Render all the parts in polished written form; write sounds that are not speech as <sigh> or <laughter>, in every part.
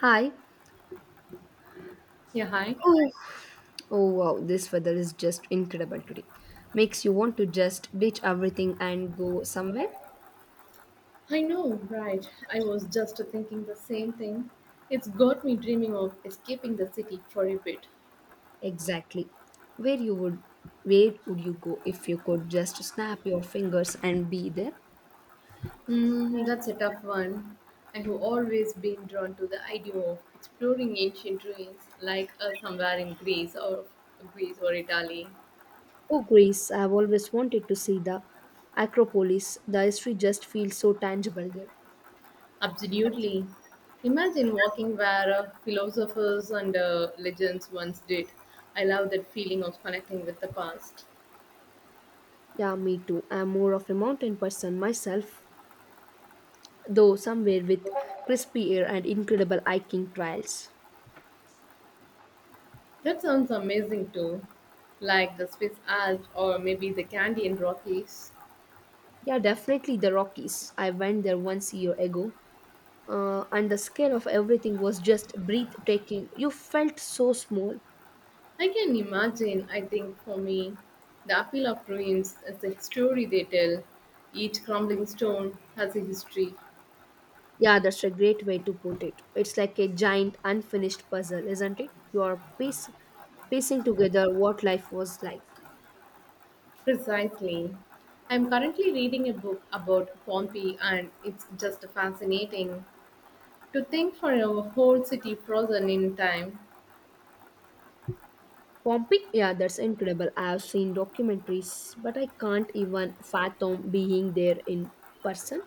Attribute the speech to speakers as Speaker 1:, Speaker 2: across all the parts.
Speaker 1: Hi.
Speaker 2: Yeah, hi.
Speaker 1: Oof. Oh wow, this weather is just incredible today. Makes you want to just ditch everything and go somewhere?
Speaker 2: I know, right? I was just thinking the same thing. It's got me dreaming of escaping the city for a bit.
Speaker 1: Exactly. Where you would where would you go if you could just snap your fingers and be there?
Speaker 2: Hmm, that's a tough one. I have always been drawn to the idea of exploring ancient ruins, like somewhere in Greece or Italy.
Speaker 1: Oh Greece, I've always wanted to see the Acropolis. The history just feels so tangible there.
Speaker 2: Absolutely. Imagine walking where philosophers and legends once did. I love that feeling of connecting with the past.
Speaker 1: Yeah, me too. I'm more of a mountain person myself, though somewhere with crispy air and incredible hiking trails.
Speaker 2: That sounds amazing too, like the Swiss Alps or maybe the Canadian Rockies.
Speaker 1: Yeah, definitely the Rockies. I went there once a year ago, and the scale of everything was just breathtaking. You felt so small.
Speaker 2: I can imagine. I think for me, the appeal of ruins is the story they tell. Each crumbling stone has a history.
Speaker 1: Yeah, that's a great way to put it. It's like a giant unfinished puzzle, isn't it? Piecing together what life was like.
Speaker 2: Precisely. I'm currently reading a book about Pompeii, and it's just fascinating to think for a whole city frozen in time.
Speaker 1: Pompeii, yeah, that's incredible. I have seen documentaries, but I can't even fathom being there in person.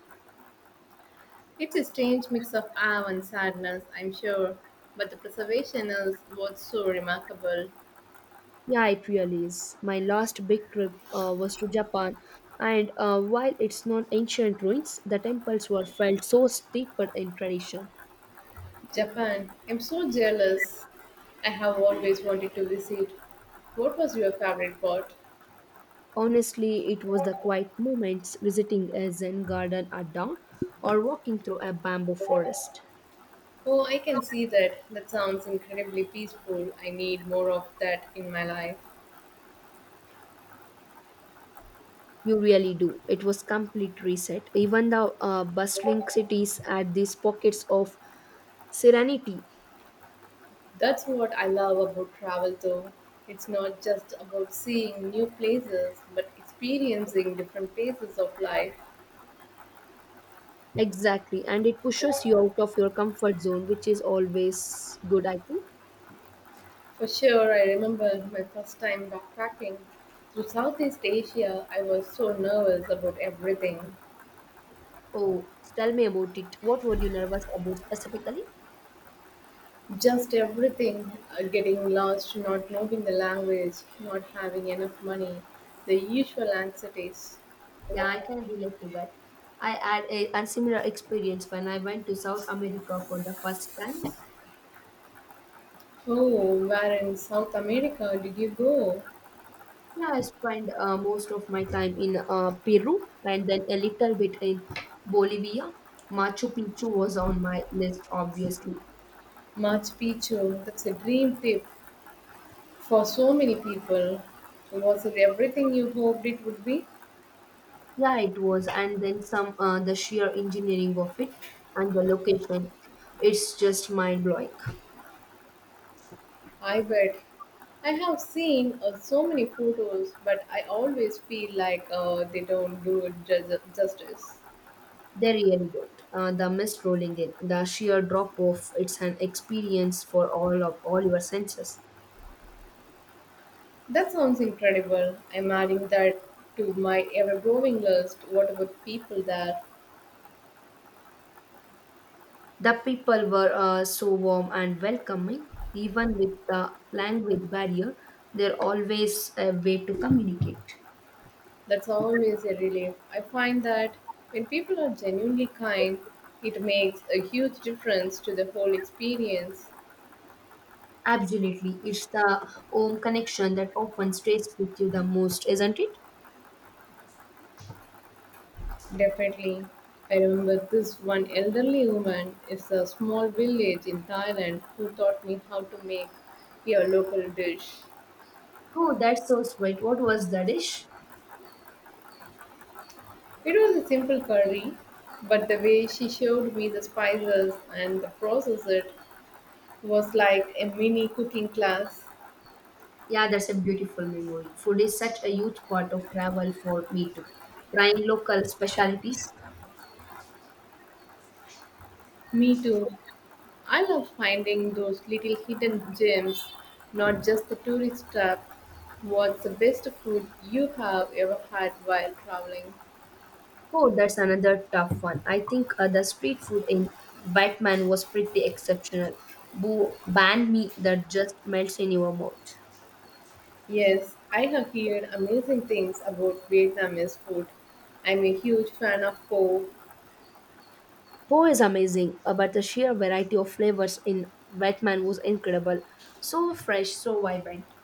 Speaker 2: It's a strange mix of awe and sadness, I'm sure, but the preservation is what's so remarkable.
Speaker 1: Yeah, it really is. My last big trip was to Japan, and while it's not ancient ruins, the temples were felt so steeped in tradition.
Speaker 2: Japan. I'm so jealous. I have always wanted to visit. What was your favorite part?
Speaker 1: Honestly, it was the quiet moments visiting a Zen garden at dawn or walking through a bamboo forest.
Speaker 2: Oh, I can see that. That sounds incredibly peaceful. I need more of that in my life.
Speaker 1: You really do. It was complete reset. Even the bustling cities had these pockets of serenity.
Speaker 2: That's what I love about travel, though. It's not just about seeing new places, but experiencing different phases of life.
Speaker 1: Exactly, and it pushes you out of your comfort zone, which is always good, I think.
Speaker 2: For sure, I remember my first time backpacking through Southeast Asia. I was so nervous about everything.
Speaker 1: Oh, tell me about it. What were you nervous about specifically?
Speaker 2: Just everything, getting lost, not knowing the language, not having enough money, the usual anxieties.
Speaker 1: Yeah, I can relate to that. I had a similar experience when I went to South America for the first time.
Speaker 2: Oh, where in South America did you go?
Speaker 1: Yeah, I spent most of my time in Peru and then a little bit in Bolivia. Machu Picchu was on my list, obviously.
Speaker 2: Machu Picchu, that's a dream trip for so many people. Was it everything you hoped it would be?
Speaker 1: Yeah, it was. And then some the sheer engineering of it and the location. It's just mind blowing.
Speaker 2: I bet. I have seen so many photos, but I always feel like they don't do it justice.
Speaker 1: They really don't. The mist rolling in, the sheer drop off, it's an experience for all your senses.
Speaker 2: That sounds incredible. I'm adding that to my ever growing list. What about people there?
Speaker 1: The people were so warm and welcoming, even with the language barrier, there always a way to communicate.
Speaker 2: That's always a relief. I find that when people are genuinely kind, it makes a huge difference to the whole experience.
Speaker 1: Absolutely. It's the home connection that often stays with you the most, isn't it?
Speaker 2: Definitely. I remember this one elderly woman is a small village in Thailand who taught me how to make a local dish.
Speaker 1: Oh, that's so sweet. What was the dish?
Speaker 2: It was a simple curry, but the way she showed me the spices and the process, it was like a mini cooking class.
Speaker 1: Yeah, that's a beautiful memory. Food is such a huge part of travel for me too. Trying local specialties.
Speaker 2: Me too. I love finding those little hidden gems, not just the tourist trap. What's the best food you have ever had while traveling?
Speaker 1: Oh, that's another tough one. I think the street food in Batman was pretty exceptional. Boo, banh mi that just melts in your mouth.
Speaker 2: Yes, I have heard amazing things about Vietnamese food. I'm a huge fan of pho.
Speaker 1: Po is amazing, but the sheer variety of flavors in Batman was incredible. So fresh, so vibrant.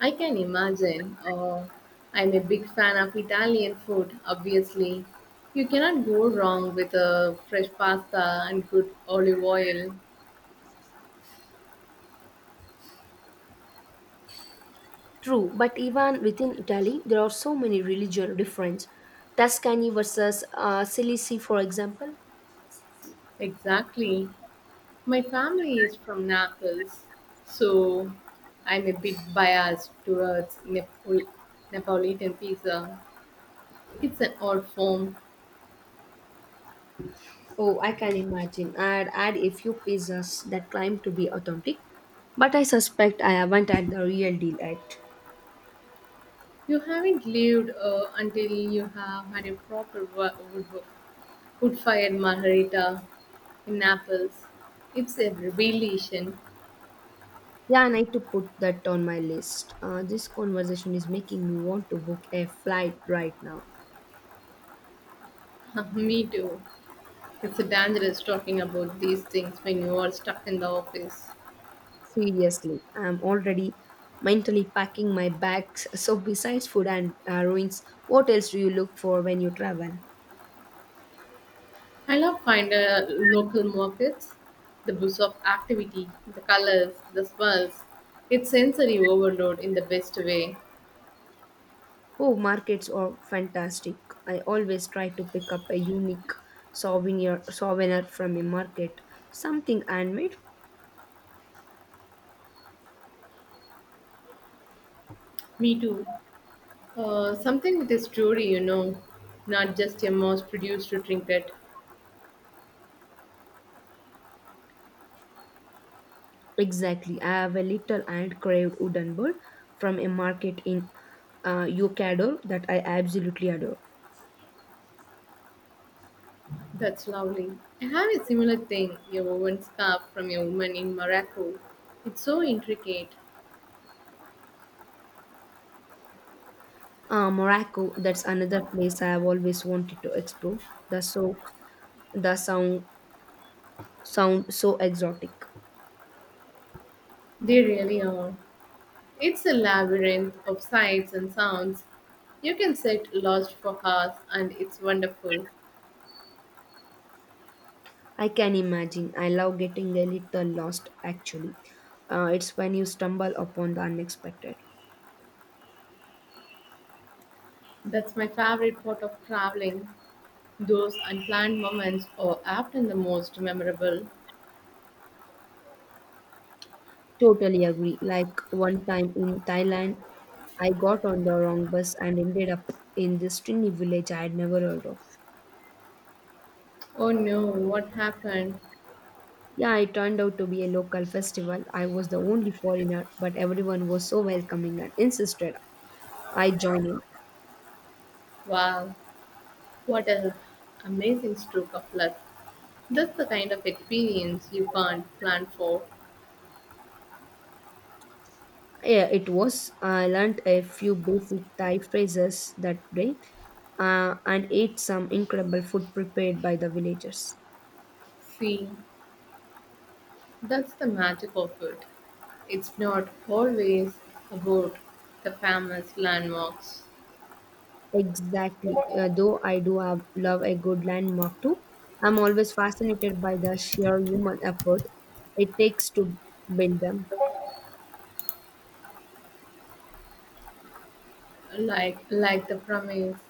Speaker 2: I can imagine. I'm a big fan of Italian food, obviously. You cannot go wrong with a fresh pasta and good olive oil.
Speaker 1: True, but even within Italy, there are so many religion differences. Tuscany versus Sicily, for example.
Speaker 2: Exactly. My family is from Naples, so I'm a bit biased towards Neapolitan pizza. It's an old form.
Speaker 1: Oh, I can imagine. I'd add a few pieces that claim to be authentic, but I suspect I haven't had the real deal yet.
Speaker 2: You haven't lived until you have had a proper wood fired margarita in Naples. It's a revelation.
Speaker 1: Yeah, I need to put that on my list. This conversation is making me want to book a flight right now.
Speaker 2: <laughs> Me too. It's dangerous talking about these things when you are stuck in the office.
Speaker 1: Seriously, I'm already mentally packing my bags. <laughs> So, besides food and ruins, what else do you look for when you travel?
Speaker 2: I love find local markets, the buzz of activity, the colors, the smells. It's sensory overload in the best way.
Speaker 1: Oh, markets are fantastic. I always try to pick up a unique souvenir from a market, something handmade.
Speaker 2: Me too. Something with a story, you know, not just a mass-produced trinket.
Speaker 1: Exactly. I have a little hand-carved wooden bird from a market in Yokador that I absolutely adore.
Speaker 2: That's lovely. I have a similar thing, a woven scarf from a woman in Morocco. It's so intricate.
Speaker 1: Morocco, that's another place I have always wanted to explore. The so the sound so exotic.
Speaker 2: They really are. It's a labyrinth of sights and sounds. You can sit lost for hours, and it's wonderful.
Speaker 1: I can imagine. I love getting a little lost, actually. It's when you stumble upon the unexpected.
Speaker 2: That's my favorite part of traveling. Those unplanned moments are often the most memorable.
Speaker 1: Totally agree. Like one time in Thailand, I got on the wrong bus and ended up in this tiny village I had never heard of.
Speaker 2: Oh no, what happened?
Speaker 1: Yeah, it turned out to be a local festival. I was the only foreigner, but everyone was so welcoming and insisted I join in.
Speaker 2: Wow, what an amazing stroke of luck. That's the kind of experience you can't plan for.
Speaker 1: Yeah, it was. I learned a few basic Thai phrases that day and ate some incredible food prepared by the villagers.
Speaker 2: See, that's the magic of it. It's not always about the famous landmarks,
Speaker 1: Exactly. Though love a good landmark too, I'm always fascinated by the sheer human effort it takes to build them.
Speaker 2: like the pyramids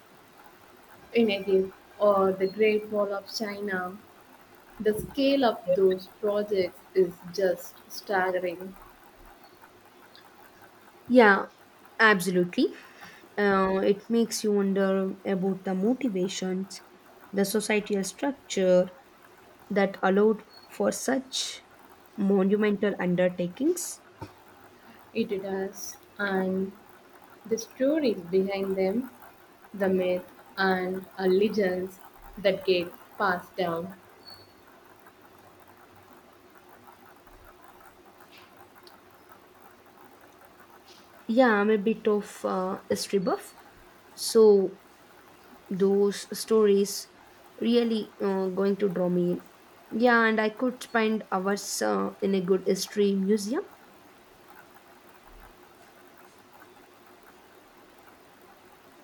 Speaker 2: in Egypt or the Great Wall of China. The scale of those projects is just staggering.
Speaker 1: Yeah, absolutely. It makes you wonder about the motivations, the societal structure, that allowed for such monumental undertakings.
Speaker 2: It does, and the stories behind them, the myth and legends that get passed down.
Speaker 1: Yeah, I'm a bit of a history buff, so those stories really going to draw me in. Yeah, and I could spend hours in a good history museum.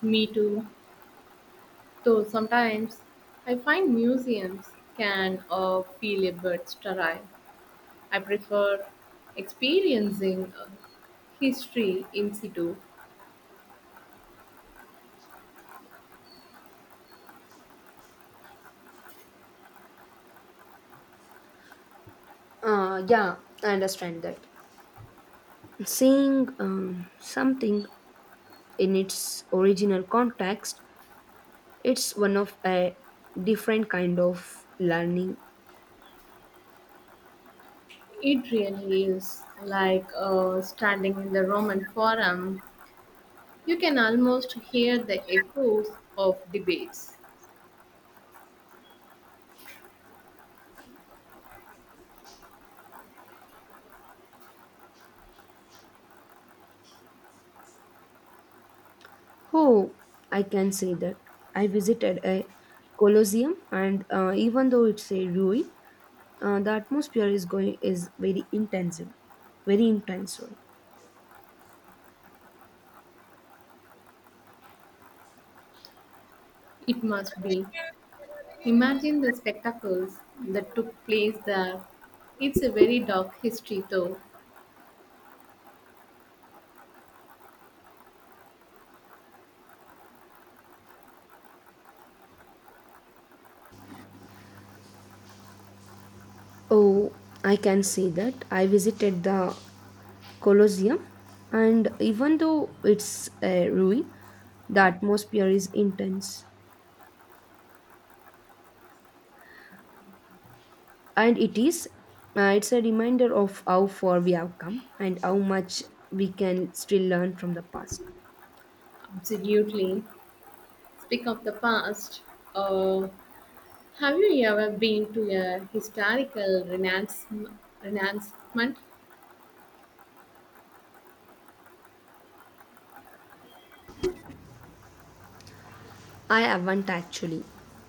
Speaker 2: Me too, though sometimes I find museums can feel a bit sterile. I prefer experiencing history in situ.
Speaker 1: Yeah, I understand that. Seeing something in its original context, it's one of a different kind of learning.
Speaker 2: It really is, like standing in the Roman Forum. You can almost hear the echoes of debates.
Speaker 1: Oh, I can say that. I visited a Colosseum, and even though it's a ruin, the atmosphere is very intensive, very intense. Sorry.
Speaker 2: It must be. Imagine the spectacles that took place there. It's a very dark history, though.
Speaker 1: Oh, I can say that. I visited the Colosseum, and even though it's a ruin, the atmosphere is intense, and it is. It's a reminder of how far we have come and how much we can still learn from the past.
Speaker 2: Absolutely. Speak of the past. Uh, have you ever been to a historical Renaissance?
Speaker 1: I haven't actually.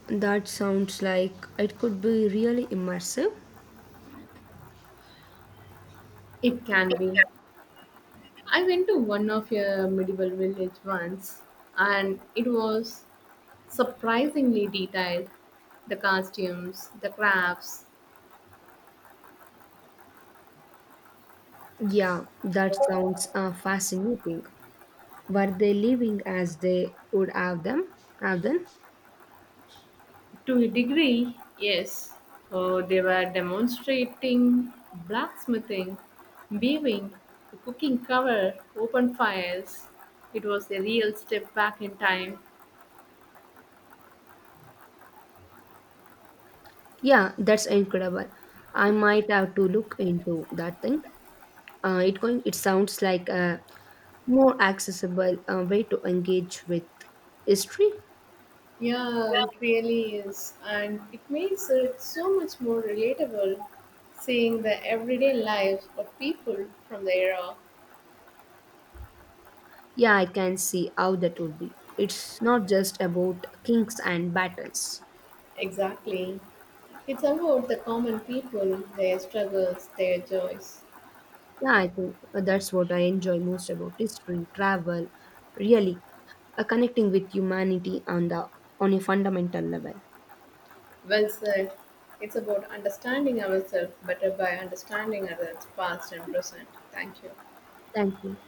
Speaker 1: That sounds like it could be really immersive.
Speaker 2: It can be. I went to one of your medieval village once, and it was surprisingly detailed. The costumes, the crafts,
Speaker 1: Yeah, that sounds fascinating. Were they living as they would have them? Have them?
Speaker 2: to a degree, yes. Oh, they were demonstrating blacksmithing, weaving, cooking cover, open fires. It was a real step back in time.
Speaker 1: Yeah, that's incredible. I might have to look into that thing. It going. It sounds like a more accessible way to engage with history.
Speaker 2: Yeah, it really is. And it makes it so much more relatable seeing the everyday lives of people from the era.
Speaker 1: Yeah, I can see how that would be. It's not just about kings and battles.
Speaker 2: Exactly. It's about the common people, their struggles, their joys.
Speaker 1: Yeah, I think that's what I enjoy most about history, travel, really connecting with humanity on a fundamental level.
Speaker 2: Well said. It's about understanding ourselves better by understanding others, past and present. Thank you.
Speaker 1: Thank you.